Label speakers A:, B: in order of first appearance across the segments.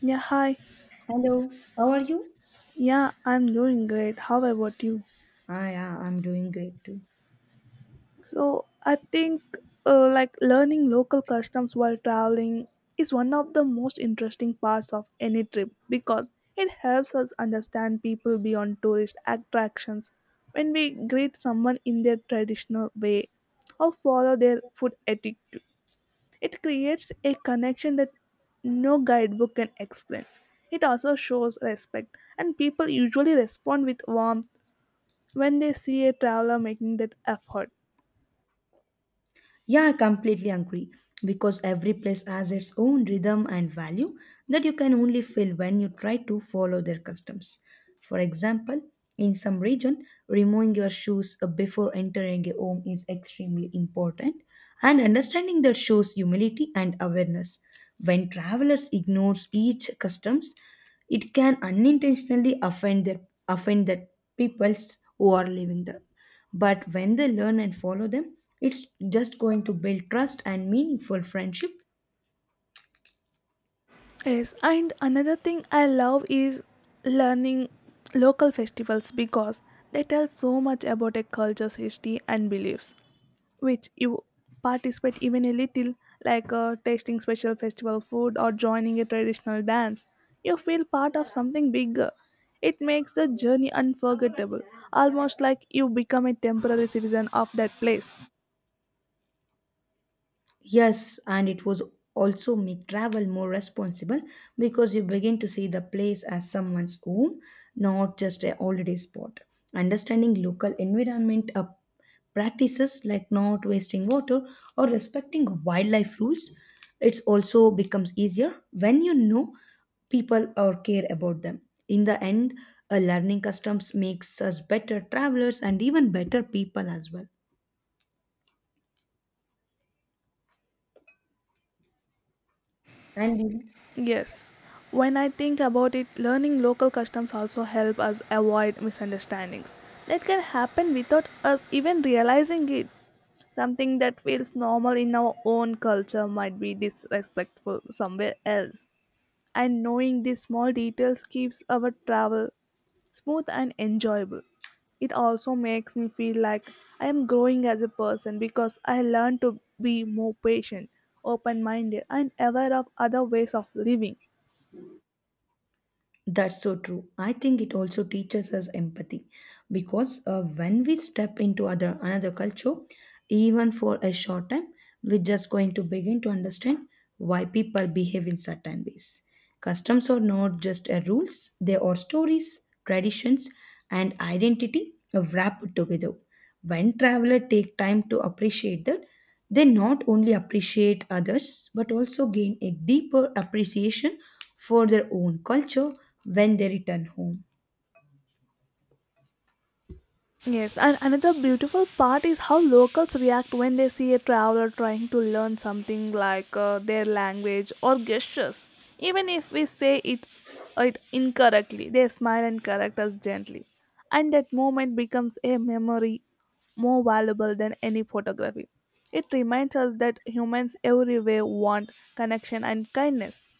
A: Yeah, hi.
B: Hello, how are you?
A: Yeah, I'm doing great. How about you?
B: Ah, yeah, I'm doing great too.
A: I think like learning local customs while traveling is one of the most interesting parts of any trip because it helps us understand people beyond tourist attractions. When we greet someone in their traditional way or follow their food etiquette, it creates a connection that no guidebook can explain. It also shows respect, and people usually respond with warmth when they see a traveler making that effort.
B: Yeah, I completely agree because every place has its own rhythm and value that you can only feel when you try to follow their customs. For example, in some region, removing your shoes before entering a home is extremely important, and understanding that shows humility and awareness. When travelers ignores each customs, it can unintentionally offend the peoples who are living there, but when they learn and follow them, it's just going to build trust and meaningful friendship.
A: Yes, and another thing I love is learning local festivals because they tell so much about a culture's history and beliefs. Which you participate even a little, like tasting special festival food or joining a traditional dance, you feel part of something bigger. It makes the journey unforgettable, almost like you become a temporary citizen of that place.
B: Yes, and it was also make travel more responsible because you begin to see the place as someone's home, not just a holiday spot. Understanding local environment practices like not wasting water or respecting wildlife rules, it's also becomes easier when you know people or care about them. In the end, learning customs makes us better travelers and even better people as well. And you know,
A: Yes. When I think about it, learning local customs also help us avoid misunderstandings that can happen without us even realizing it. Something that feels normal in our own culture might be disrespectful somewhere else. And knowing these small details keeps our travel smooth and enjoyable. It also makes me feel like I am growing as a person because I learn to be more patient, open minded, and aware of other ways of living.
B: that's so true. I think it also teaches us empathy because when we step into other another culture, even for a short time, we're just going to begin to understand why people behave in certain ways. Customs are not just rules; they are stories, traditions, and identity wrapped together. When traveler take time to appreciate that, they not only appreciate others but also gain a deeper appreciation for their own culture when they return home.
A: Yes, and another beautiful part is how locals react when they see a traveler trying to learn something like their language or gestures. Even if we say it incorrectly, they smile and correct us gently. And that moment becomes a memory more valuable than any photography. It reminds us that humans everywhere want connection and kindness.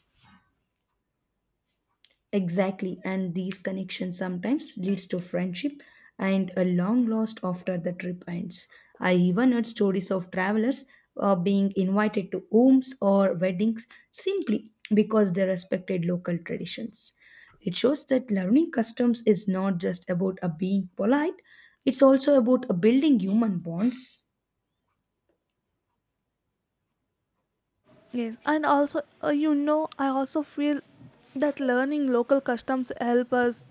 B: Exactly, and these connections sometimes leads to friendship and a long lost after the trip ends. I even heard stories of travelers being invited to homes or weddings simply because they respected local traditions. It shows that learning customs is not just about a being polite; it's also about a building human bonds.
A: Yes, and also, I also feel that learning local customs help us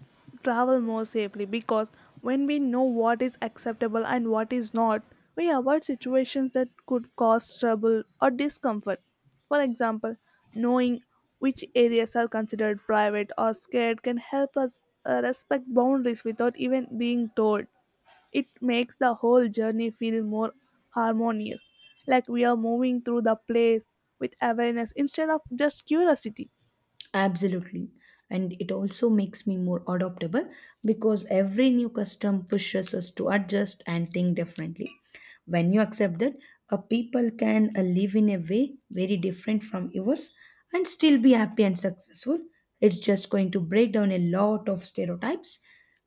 A: travel more safely because when we know what is acceptable and what is not, we avoid situations that could cause trouble or discomfort. For example, knowing which areas are considered private or scared can help us respect boundaries without even being told. It makes the whole journey feel more harmonious, like we are moving through the place with awareness instead of just curiosity.
B: Absolutely. And it also makes me more adaptable because every new custom pushes us to adjust and think differently. When you accept that, a people can live in a way very different from yours and still be happy and successful. It's just going to break down a lot of stereotypes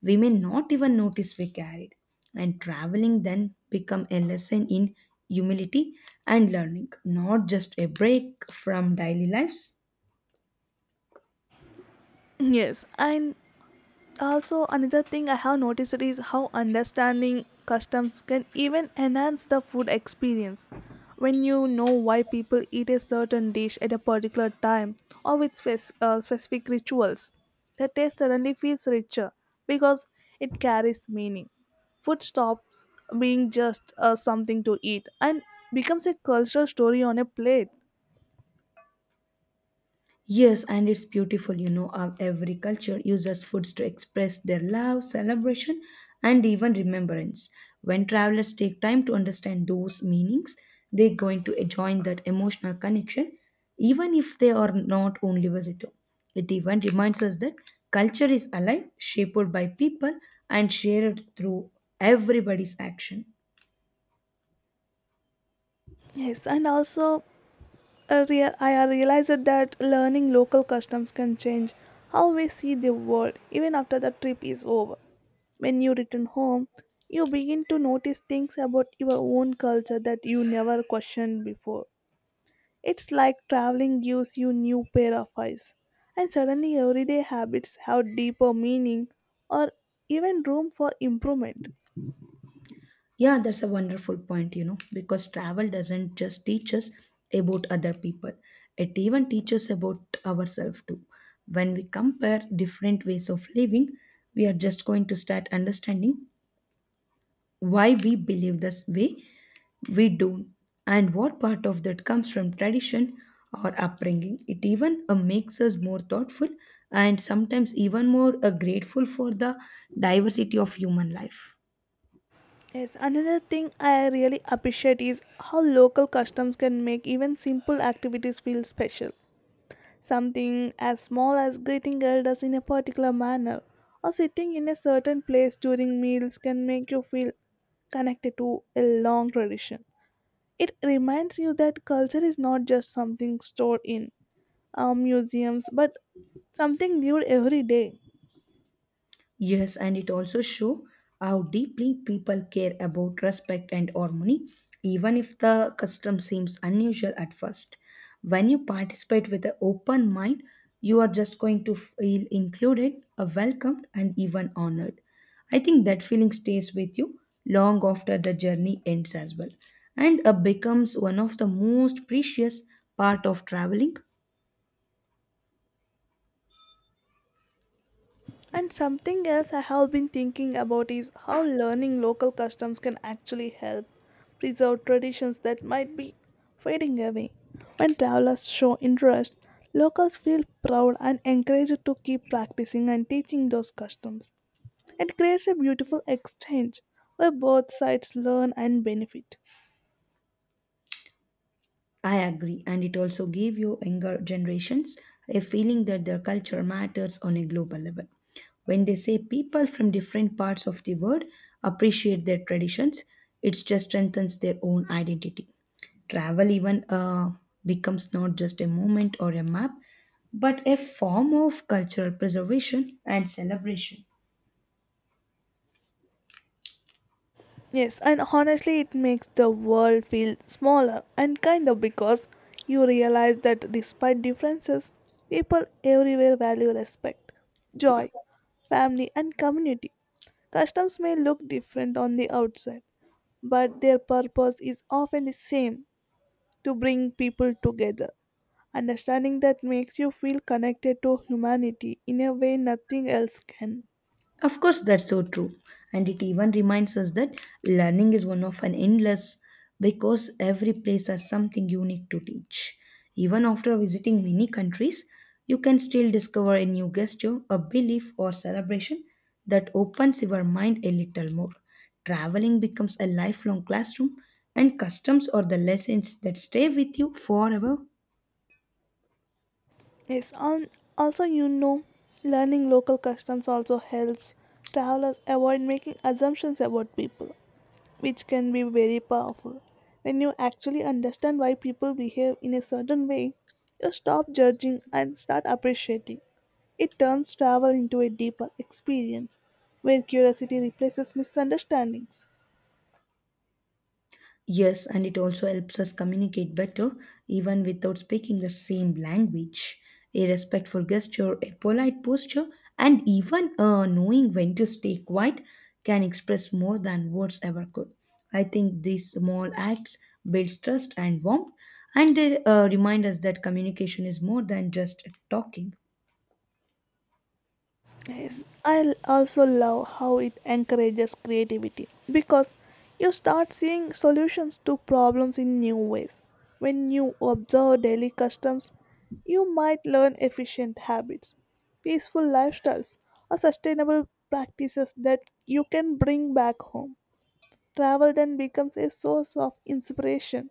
B: we may not even notice we carried. And traveling then become a lesson in humility and learning, not just a break from daily lives.
A: Yes, and also, another thing I have noticed is how understanding customs can even enhance the food experience. When you know why people eat a certain dish at a particular time or with specific rituals, the taste suddenly feels richer because it carries meaning. Food stops being just something to eat and becomes a cultural story on a plate.
B: Yes, and it's beautiful, you know, how every culture uses foods to express their love, celebration, and even remembrance. When travelers take time to understand those meanings, they're going to join that emotional connection, even if they are not only visitor. It even reminds us that culture is alive, shaped by people, and shared through everybody's action.
A: Yes, and also I realized that learning local customs can change how we see the world even after the trip is over. When you return home, you begin to notice things about your own culture that you never questioned before. It's like traveling gives you new pair of eyes, and suddenly everyday habits have deeper meaning or even room for improvement.
B: Yeah, that's a wonderful point, you know, because travel doesn't just teach us about other people, it even teaches about ourselves too. When we compare different ways of living, we are just going to start understanding why we believe this way we do and what part of that comes from tradition or upbringing. It even makes us more thoughtful and sometimes even more grateful for the diversity of human life.
A: Yes, another thing I really appreciate is how local customs can make even simple activities feel special. Something as small as greeting elders in a particular manner or sitting in a certain place during meals can make you feel connected to a long tradition. It reminds you that culture is not just something stored in museums but something lived every day.
B: Yes, and it also show how deeply people care about respect and harmony, even if the custom seems unusual at first. When you participate with an open mind, you are just going to feel included, welcomed, and even honored. I think that feeling stays with you long after the journey ends as well, and becomes one of the most precious part of traveling.
A: And something else I have been thinking about is how learning local customs can actually help preserve traditions that might be fading away. When travelers show interest, locals feel proud and encouraged to keep practicing and teaching those customs. It creates a beautiful exchange where both sides learn and benefit.
B: I agree, and it also gave you younger generations a feeling that their culture matters on a global level. When they say people from different parts of the world appreciate their traditions, it just strengthens their own identity. Travel even becomes not just a moment or a map, but a form of cultural preservation and celebration.
A: Yes, and honestly, it makes the world feel smaller and kinder because you realize that despite differences, people everywhere value respect, joy, family, and community. Customs may look different on the outside, but their purpose is often the same to bring people together. Understanding that makes you feel connected to humanity in a way nothing else can.
B: Of course, that's so true. And it even reminds us that learning is one of an endless because every place has something unique to teach. Even after visiting many countries, you can still discover a new gesture, a belief, or celebration that opens your mind a little more. Traveling becomes a lifelong classroom, and customs are the lessons that stay with you forever.
A: Yes, and also learning local customs also helps travelers avoid making assumptions about people, which can be very powerful. When you actually understand why people behave in a certain way, you stop judging and start appreciating. It turns travel into a deeper experience where curiosity replaces misunderstandings.
B: Yes, and it also helps us communicate better, even without speaking the same language. A respectful gesture, a polite posture, and even knowing when to stay quiet can express more than words ever could. I think these small acts build trust and warmth, and they remind us that communication is more than just talking.
A: Yes, also love how it encourages creativity because you start seeing solutions to problems in new ways. When you observe daily customs, you might learn efficient habits, peaceful lifestyles, or sustainable practices that you can bring back home. Travel then becomes a source of inspiration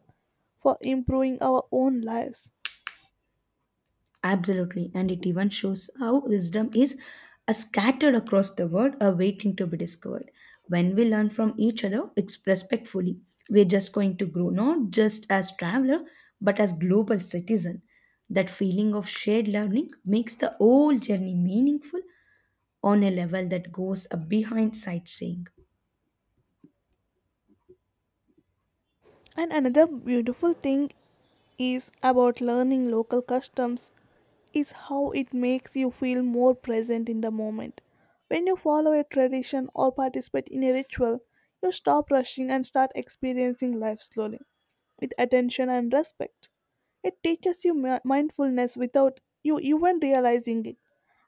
A: for improving our own lives.
B: Absolutely, and it even shows how wisdom is scattered across the world, waiting to be discovered. When we learn from each other, it's respectfully, we're just going to grow, not just as traveler, but as global citizen. That feeling of shared learning makes the whole journey meaningful on a level that goes behind sightseeing.
A: And another beautiful thing is about learning local customs is how it makes you feel more present in the moment. When you follow a tradition or participate in a ritual, you stop rushing and start experiencing life slowly, with attention and respect. It teaches you mindfulness without you even realizing it,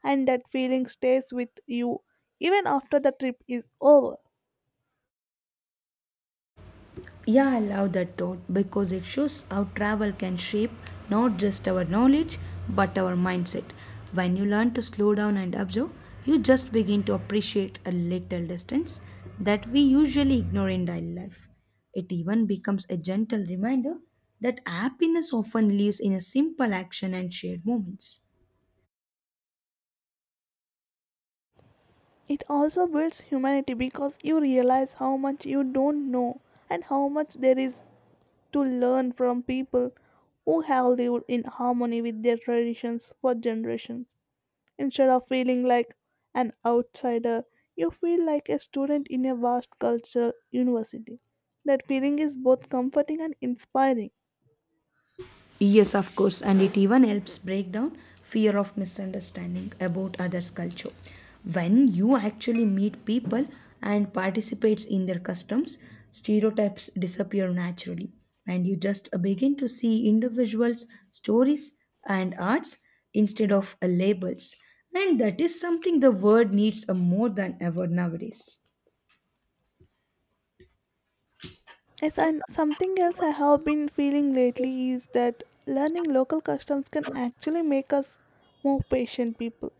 A: and that feeling stays with you even after the trip is over.
B: Yeah, I love that thought because it shows how travel can shape not just our knowledge but our mindset. When you learn to slow down and observe, you just begin to appreciate a little distance that we usually ignore in daily life. It even becomes a gentle reminder that happiness often lives in a simple action and shared moments.
A: It also builds humanity because you realize how much you don't know and how much there is to learn from people who have lived in harmony with their traditions for generations. Instead of feeling like an outsider, you feel like a student in a vast culture university. That feeling is both comforting and inspiring.
B: Yes, of course, and it even helps break down fear of misunderstanding about others' culture. When you actually meet people and participates in their customs, stereotypes disappear naturally, and you just begin to see individuals, stories, and arts instead of labels. And that is something the world needs more than ever nowadays.
A: Yes, and something else I have been feeling lately is that learning local customs can actually make us more patient people.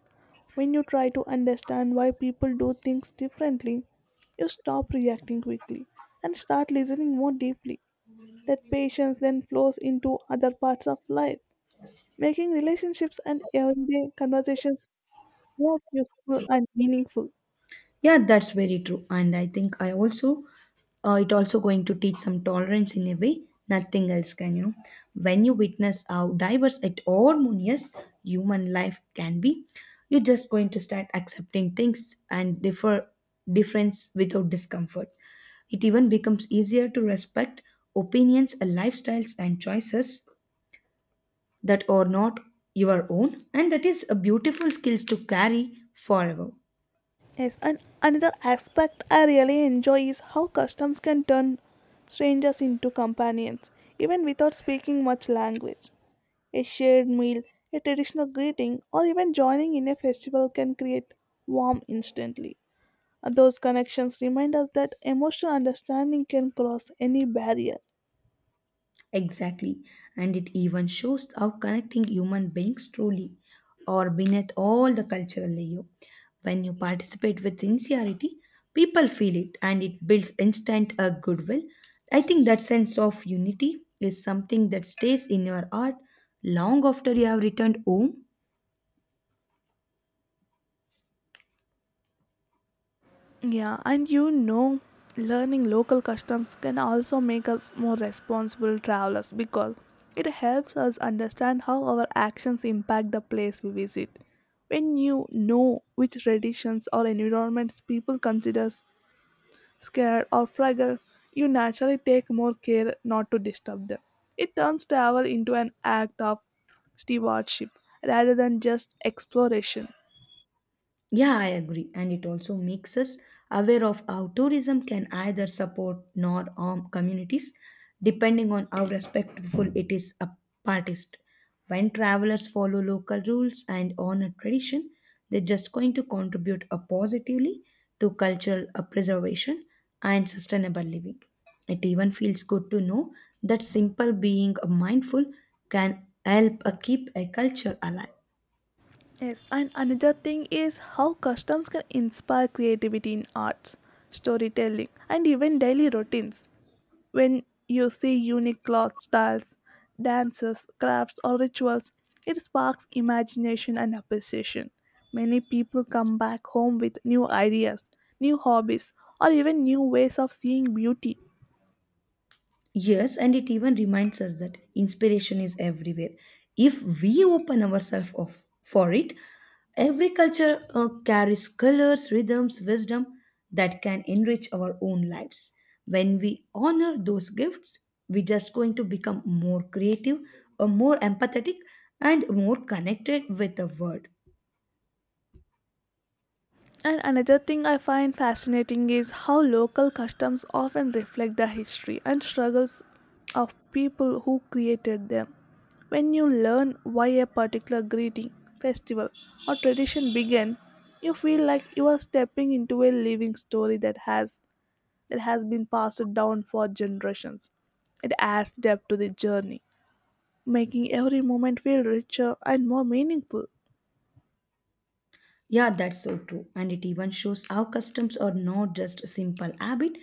A: When you try to understand why people do things differently, you stop reacting quickly and start listening more deeply. That patience then flows into other parts of life, making relationships and everyday conversations more useful and meaningful.
B: Yeah, that's very true. And I think I also, it also going to teach some tolerance in a way nothing else can, you know. When you witness how diverse and harmonious human life can be, you're just going to start accepting things and difference without discomfort. It even becomes easier to respect opinions, and lifestyles, and choices that are not your own, and that is a beautiful skills to carry forever.
A: Yes, and another aspect I really enjoy is how customs can turn strangers into companions, even without speaking much language. A shared meal, a traditional greeting, or even joining in a festival can create warmth instantly. And those connections remind us that emotional understanding can cross any barrier.
B: Exactly. And it even shows how connecting human beings truly are beneath all the cultural layer. When you participate with sincerity, people feel it and it builds instant goodwill. I think that sense of unity is something that stays in your heart long after you have returned home.
A: Yeah, and learning local customs can also make us more responsible travelers because it helps us understand how our actions impact the place we visit. When you know which traditions or environments people consider scared or fragile, you naturally take more care not to disturb them. It turns travel into an act of stewardship rather than just exploration.
B: Yeah, I agree. And it also makes us aware of how tourism can either support nor harm communities, depending on how respectful it is a participant. When travelers follow local rules and honor tradition, they're just going to contribute positively to cultural preservation and sustainable living. It even feels good to know that simple being mindful can help keep a culture alive.
A: Yes, and another thing is how customs can inspire creativity in arts, storytelling, and even daily routines. When you see unique cloth styles, dances, crafts, or rituals, it sparks imagination and appreciation. Many people come back home with new ideas, new hobbies, or even new ways of seeing beauty.
B: Yes, and it even reminds us that inspiration is everywhere. If we open ourselves off for it, every culture carries colors, rhythms, wisdom that can enrich our own lives. When we honor those gifts, we're just going to become more creative, more empathetic, and more connected with the world.
A: And another thing I find fascinating is how local customs often reflect the history and struggles of people who created them. When you learn why a particular greeting, festival, or tradition began, you feel like you are stepping into a living story that has been passed down for generations. It adds depth to the journey, making every moment feel richer and more meaningful.
B: Yeah, that's so true. And it even shows how customs are not just a simple habit,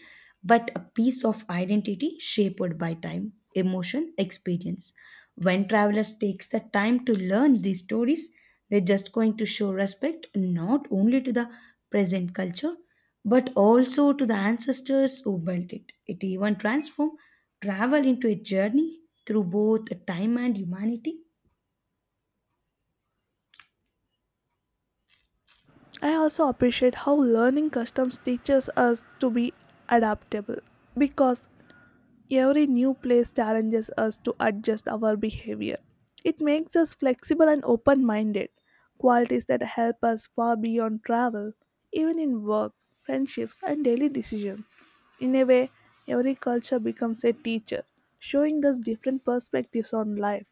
B: but a piece of identity shaped by time, emotion, experience. When travelers takes the time to learn these stories, they're just going to show respect not only to the present culture, but also to the ancestors who built it. It even transforms travel into a journey through both time and humanity.
A: I also appreciate how learning customs teaches us to be adaptable because every new place challenges us to adjust our behavior. It makes us flexible and open minded, qualities that help us far beyond travel, even in work, friendships, and daily decisions. In a way, every culture becomes a teacher, showing us different perspectives on life.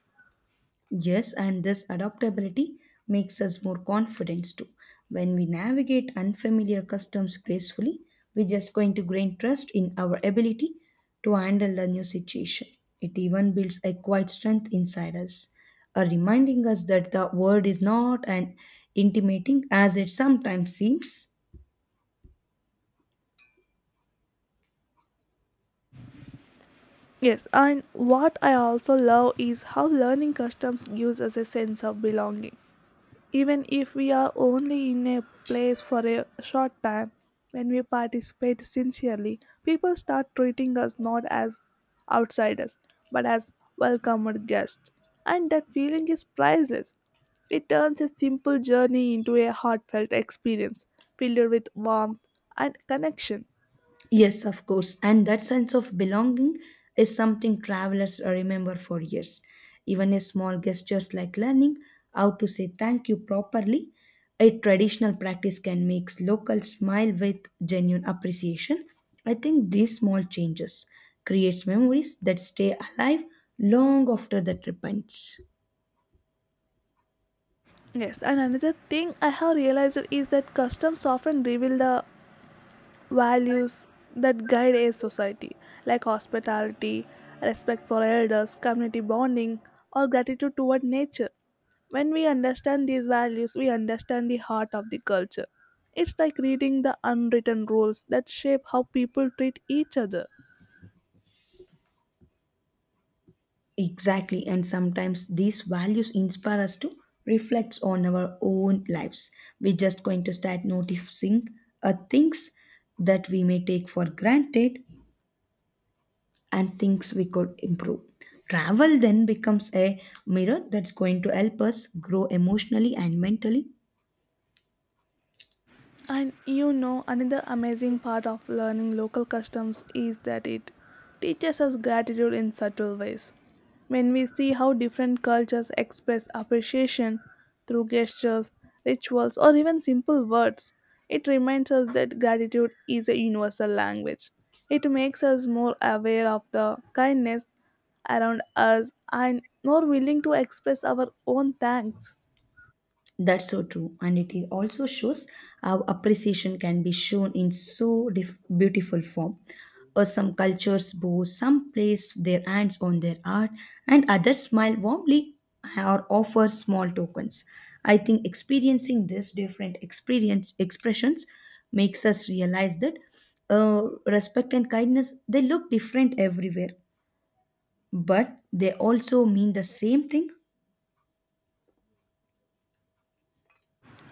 B: Yes, and this adaptability makes us more confident too. When we navigate unfamiliar customs gracefully, we're just going to gain trust in our ability to handle the new situation. It even builds a quiet strength inside us, reminding us that the world is not an intimidating as it sometimes seems.
A: Yes, and what I also love is how learning customs gives us a sense of belonging. Even if we are only in a place for a short time, when we participate sincerely, people start treating us not as outsiders but as welcomed guests. And that feeling is priceless. It turns a simple journey into a heartfelt experience filled with warmth and connection.
B: Yes, of course. And that sense of belonging is something travelers remember for years. Even a small gestures like learning how to say thank you properly, a traditional practice can make locals smile with genuine appreciation. I think these small changes creates memories that stay alive long after the trip ends.
A: Yes, and another thing I have realized is that customs often reveal the values that guide a society, like hospitality, respect for elders, community bonding, or gratitude toward nature. When we understand these values, we understand the heart of the culture. It's like reading the unwritten rules that shape how people treat each other.
B: Exactly, and sometimes these values inspire us to reflect on our own lives. We're just going to start noticing things that we may take for granted and things we could improve. Travel then becomes a mirror that's going to help us grow emotionally and mentally.
A: And another amazing part of learning local customs is that it teaches us gratitude in subtle ways. When we see how different cultures express appreciation through gestures, rituals, or even simple words, it reminds us that gratitude is a universal language. It makes us more aware of the kindness around us and more willing to express our own thanks.
B: That's so true. And also shows how appreciation can be shown in so beautiful form. Some cultures bow, some place their hands on their art, and others smile warmly or offer small tokens. I think experiencing these different experience expressions makes us realize that respect and kindness they look different everywhere, but they also mean the same thing.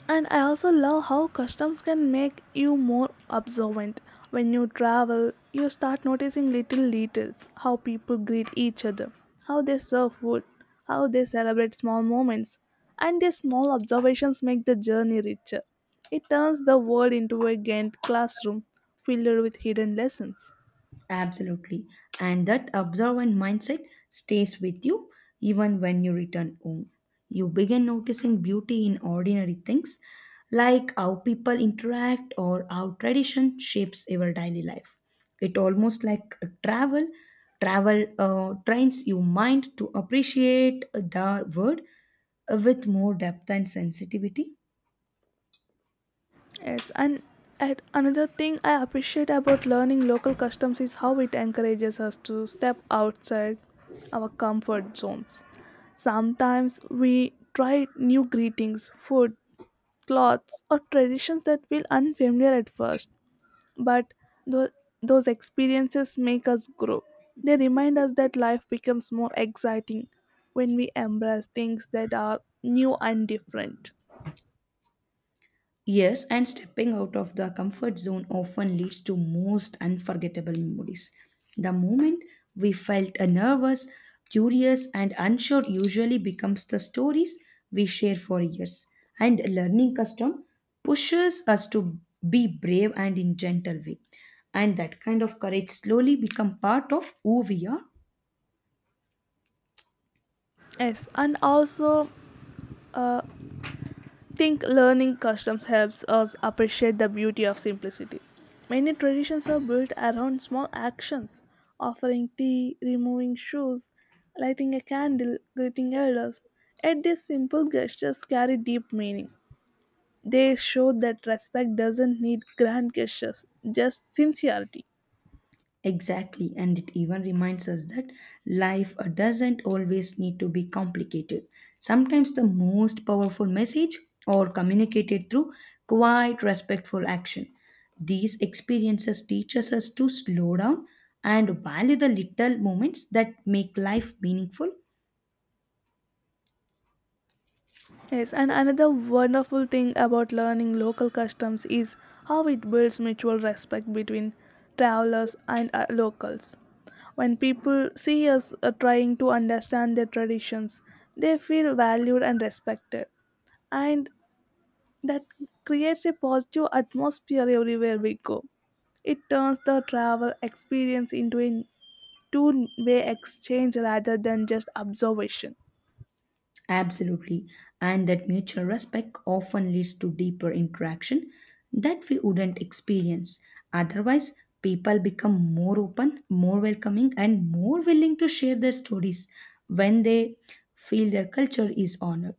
A: And I also love how customs can make you more observant. When you travel, you start noticing little details how people greet each other, how they serve food, how they celebrate small moments. And these small observations make the journey richer. It turns the world into a gained classroom filled with hidden lessons.
B: Absolutely. And that observant mindset stays with you even when you return home. You begin noticing beauty in ordinary things like how people interact or how tradition shapes your daily life. It almost like a travel. Travel trains your mind to appreciate the world with more depth and sensitivity.
A: Yes, and at another thing I appreciate about learning local customs is how it encourages us to step outside our comfort zones. Sometimes we try new greetings, food, clothes, or traditions that feel unfamiliar at first, but tho- those experiences make us grow. They remind us that life becomes more exciting when we embrace things that are new and different.
B: Yes, and stepping out of the comfort zone often leads to most unforgettable memories. The moment we felt nervous, curious, and unsure usually becomes the stories we share for years. And learning custom pushes us to be brave and in gentle way. And that kind of courage slowly become part of who we are.
A: Yes, and also uh, think learning customs helps us appreciate the beauty of simplicity. Many traditions are built around small actions offering tea, removing shoes, lighting a candle, greeting elders. Yet these simple gestures carry deep meaning. They show that respect doesn't need grand gestures, just sincerity.
B: Exactly, and it even reminds us that life doesn't always need to be complicated. Sometimes the most powerful message or communicated through quiet, respectful action. These experiences teach us to slow down and value the little moments that make life meaningful.
A: Yes, and another wonderful thing about learning local customs is how it builds mutual respect between travelers and locals. When people see us trying to understand their traditions, they feel valued and respected. And that creates a positive atmosphere everywhere we go. It turns the travel experience into a two-way exchange rather than just observation.
B: Absolutely. And that mutual respect often leads to deeper interaction that we wouldn't experience. Otherwise, people become more open, more welcoming, and more willing to share their stories when they feel their culture is honored.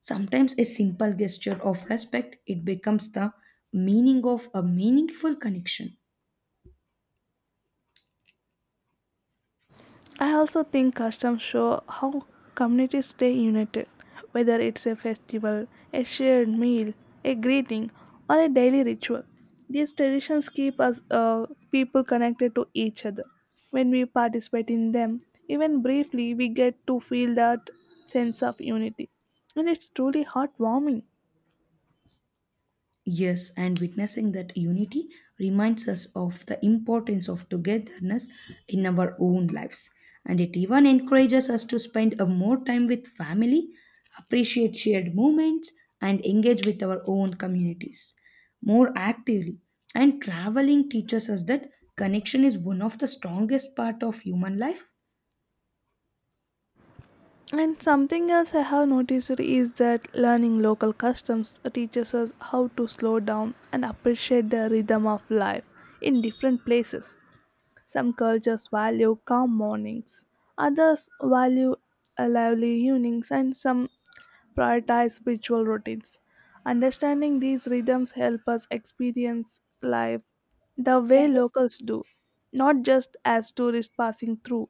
B: Sometimes a simple gesture of respect it becomes the meaning of a meaningful connection.
A: I also think customs show how communities stay united, whether it's a festival, a shared meal, a greeting, or a daily ritual. These traditions keep us people connected to each other. When we participate in them, even briefly, we get to feel that sense of unity, and it's truly heartwarming.
B: Yes, and witnessing that unity reminds us of the importance of togetherness in our own lives. And it even encourages us to spend a more time with family, appreciate shared moments, and engage with our own communities more actively. And traveling teaches us that connection is one of the strongest part of human life.
A: And something else I have noticed is that learning local customs teaches us how to slow down and appreciate the rhythm of life in different places. Some cultures value calm mornings, others value a lively evenings, and some prioritize ritual routines. Understanding these rhythms help us experience life the way locals do, not just as tourists passing through.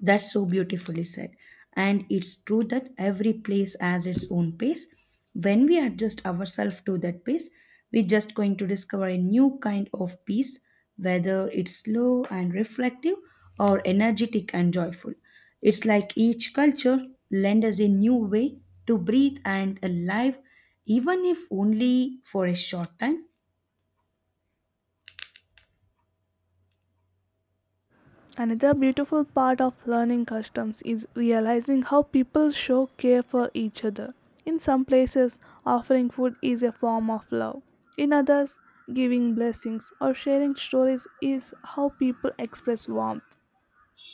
B: That's so beautifully said. And it's true that every place has its own pace. When we adjust ourselves to that pace, we're just going to discover a new kind of peace, whether it's slow and reflective or energetic and joyful. It's like each culture lends us a new way to breathe and alive, even if only for a short time.
A: Another beautiful part of learning customs is realizing how people show care for each other. In some places, offering food is a form of love. In others, giving blessings or sharing stories is how people express warmth.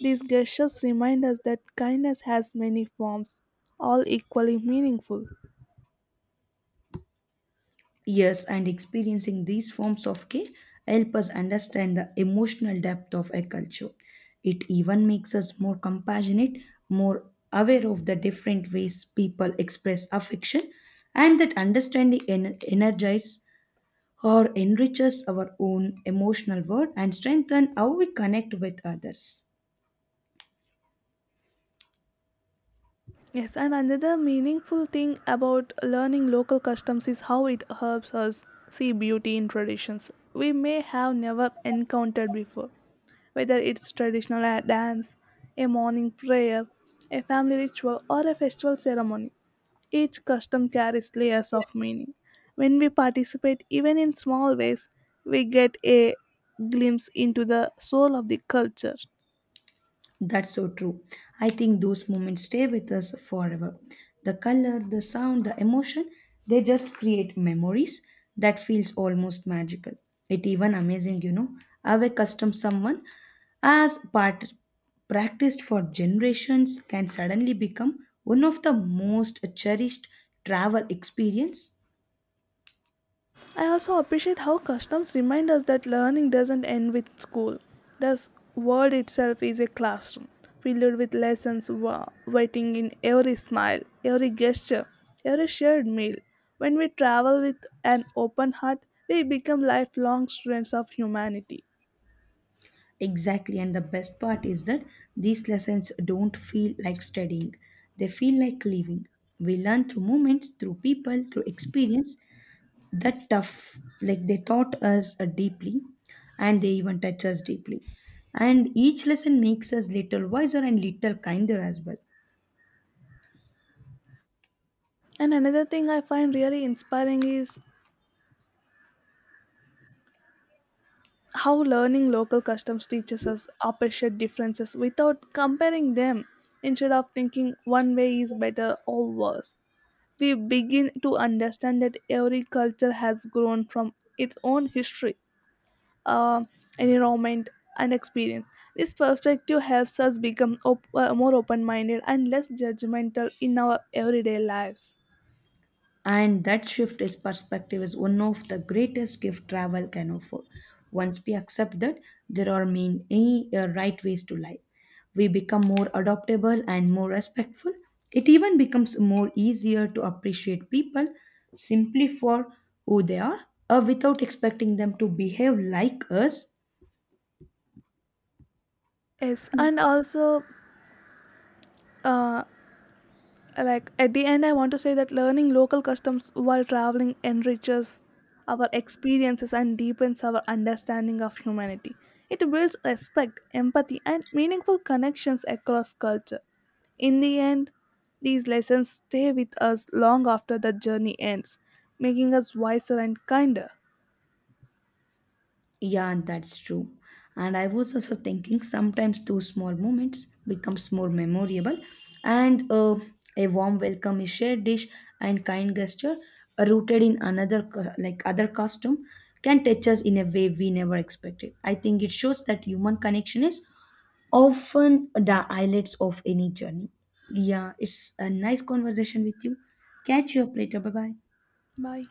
A: These gestures remind us that kindness has many forms, all equally meaningful.
B: Yes, and experiencing these forms of care help us understand the emotional depth of a culture. It even makes us more compassionate, more aware of the different ways people express affection, and that understanding energizes or enriches our own emotional world and strengthen how we connect with others.
A: Yes, and another meaningful thing about learning local customs is how it helps us see beauty in traditions we may have never encountered before. Whether it's dance, a morning prayer, a family ritual, or a festival ceremony, each custom carries layers of meaning. When we participate, even in small ways, we get a glimpse into the soul of the culture.
B: That's so true. I think those moments stay with us forever. The color, the sound, the emotion, they just create memories that feels almost magical. It even amazing, you know, how a custom someone as part practiced for generations can suddenly become one of the most cherished travel experience.
A: I also appreciate how customs remind us that learning doesn't end with school. The world itself is a classroom, filled with lessons waiting in every smile, every gesture, every shared meal. When we travel with an open heart, we become lifelong students of humanity.
B: Exactly, and the best part is that these lessons don't feel like studying, they feel like living. We learn through moments, through people, through experience that tough, like they taught us deeply and they even touch us deeply. And each lesson makes us little wiser and little kinder as well.
A: And another thing I find really inspiring is how learning local customs teaches us appreciate differences without comparing them instead of thinking one way is better or worse. We begin to understand that every culture has grown from its own history, uh, environment, and experience. This perspective helps us become more open minded and less judgmental in our everyday lives.
B: And that shift is perspective is one of the greatest gift travel can offer. Once we accept that there are mean any right ways to live, we become more adaptable and more respectful. It even becomes more easier to appreciate people simply for who they are, without expecting them to behave like us.
A: Yes, and also. Uh, like at the end I want to say that learning local customs while traveling enriches our experiences and deepens our understanding of humanity. It builds respect empathy and meaningful connections across culture. In the end these lessons stay with us long after the journey ends, making us wiser and kinder.
B: Yeah, that's true. And I was also thinking sometimes those small moments becomes more memorable. And a warm welcome is shared dish and kind gesture rooted in another like other custom can touch us in a way we never expected. I think it shows that human connection is often the highlights of any journey. Yeah, it's a nice conversation with you. Catch you up later. Bye bye.
A: Bye.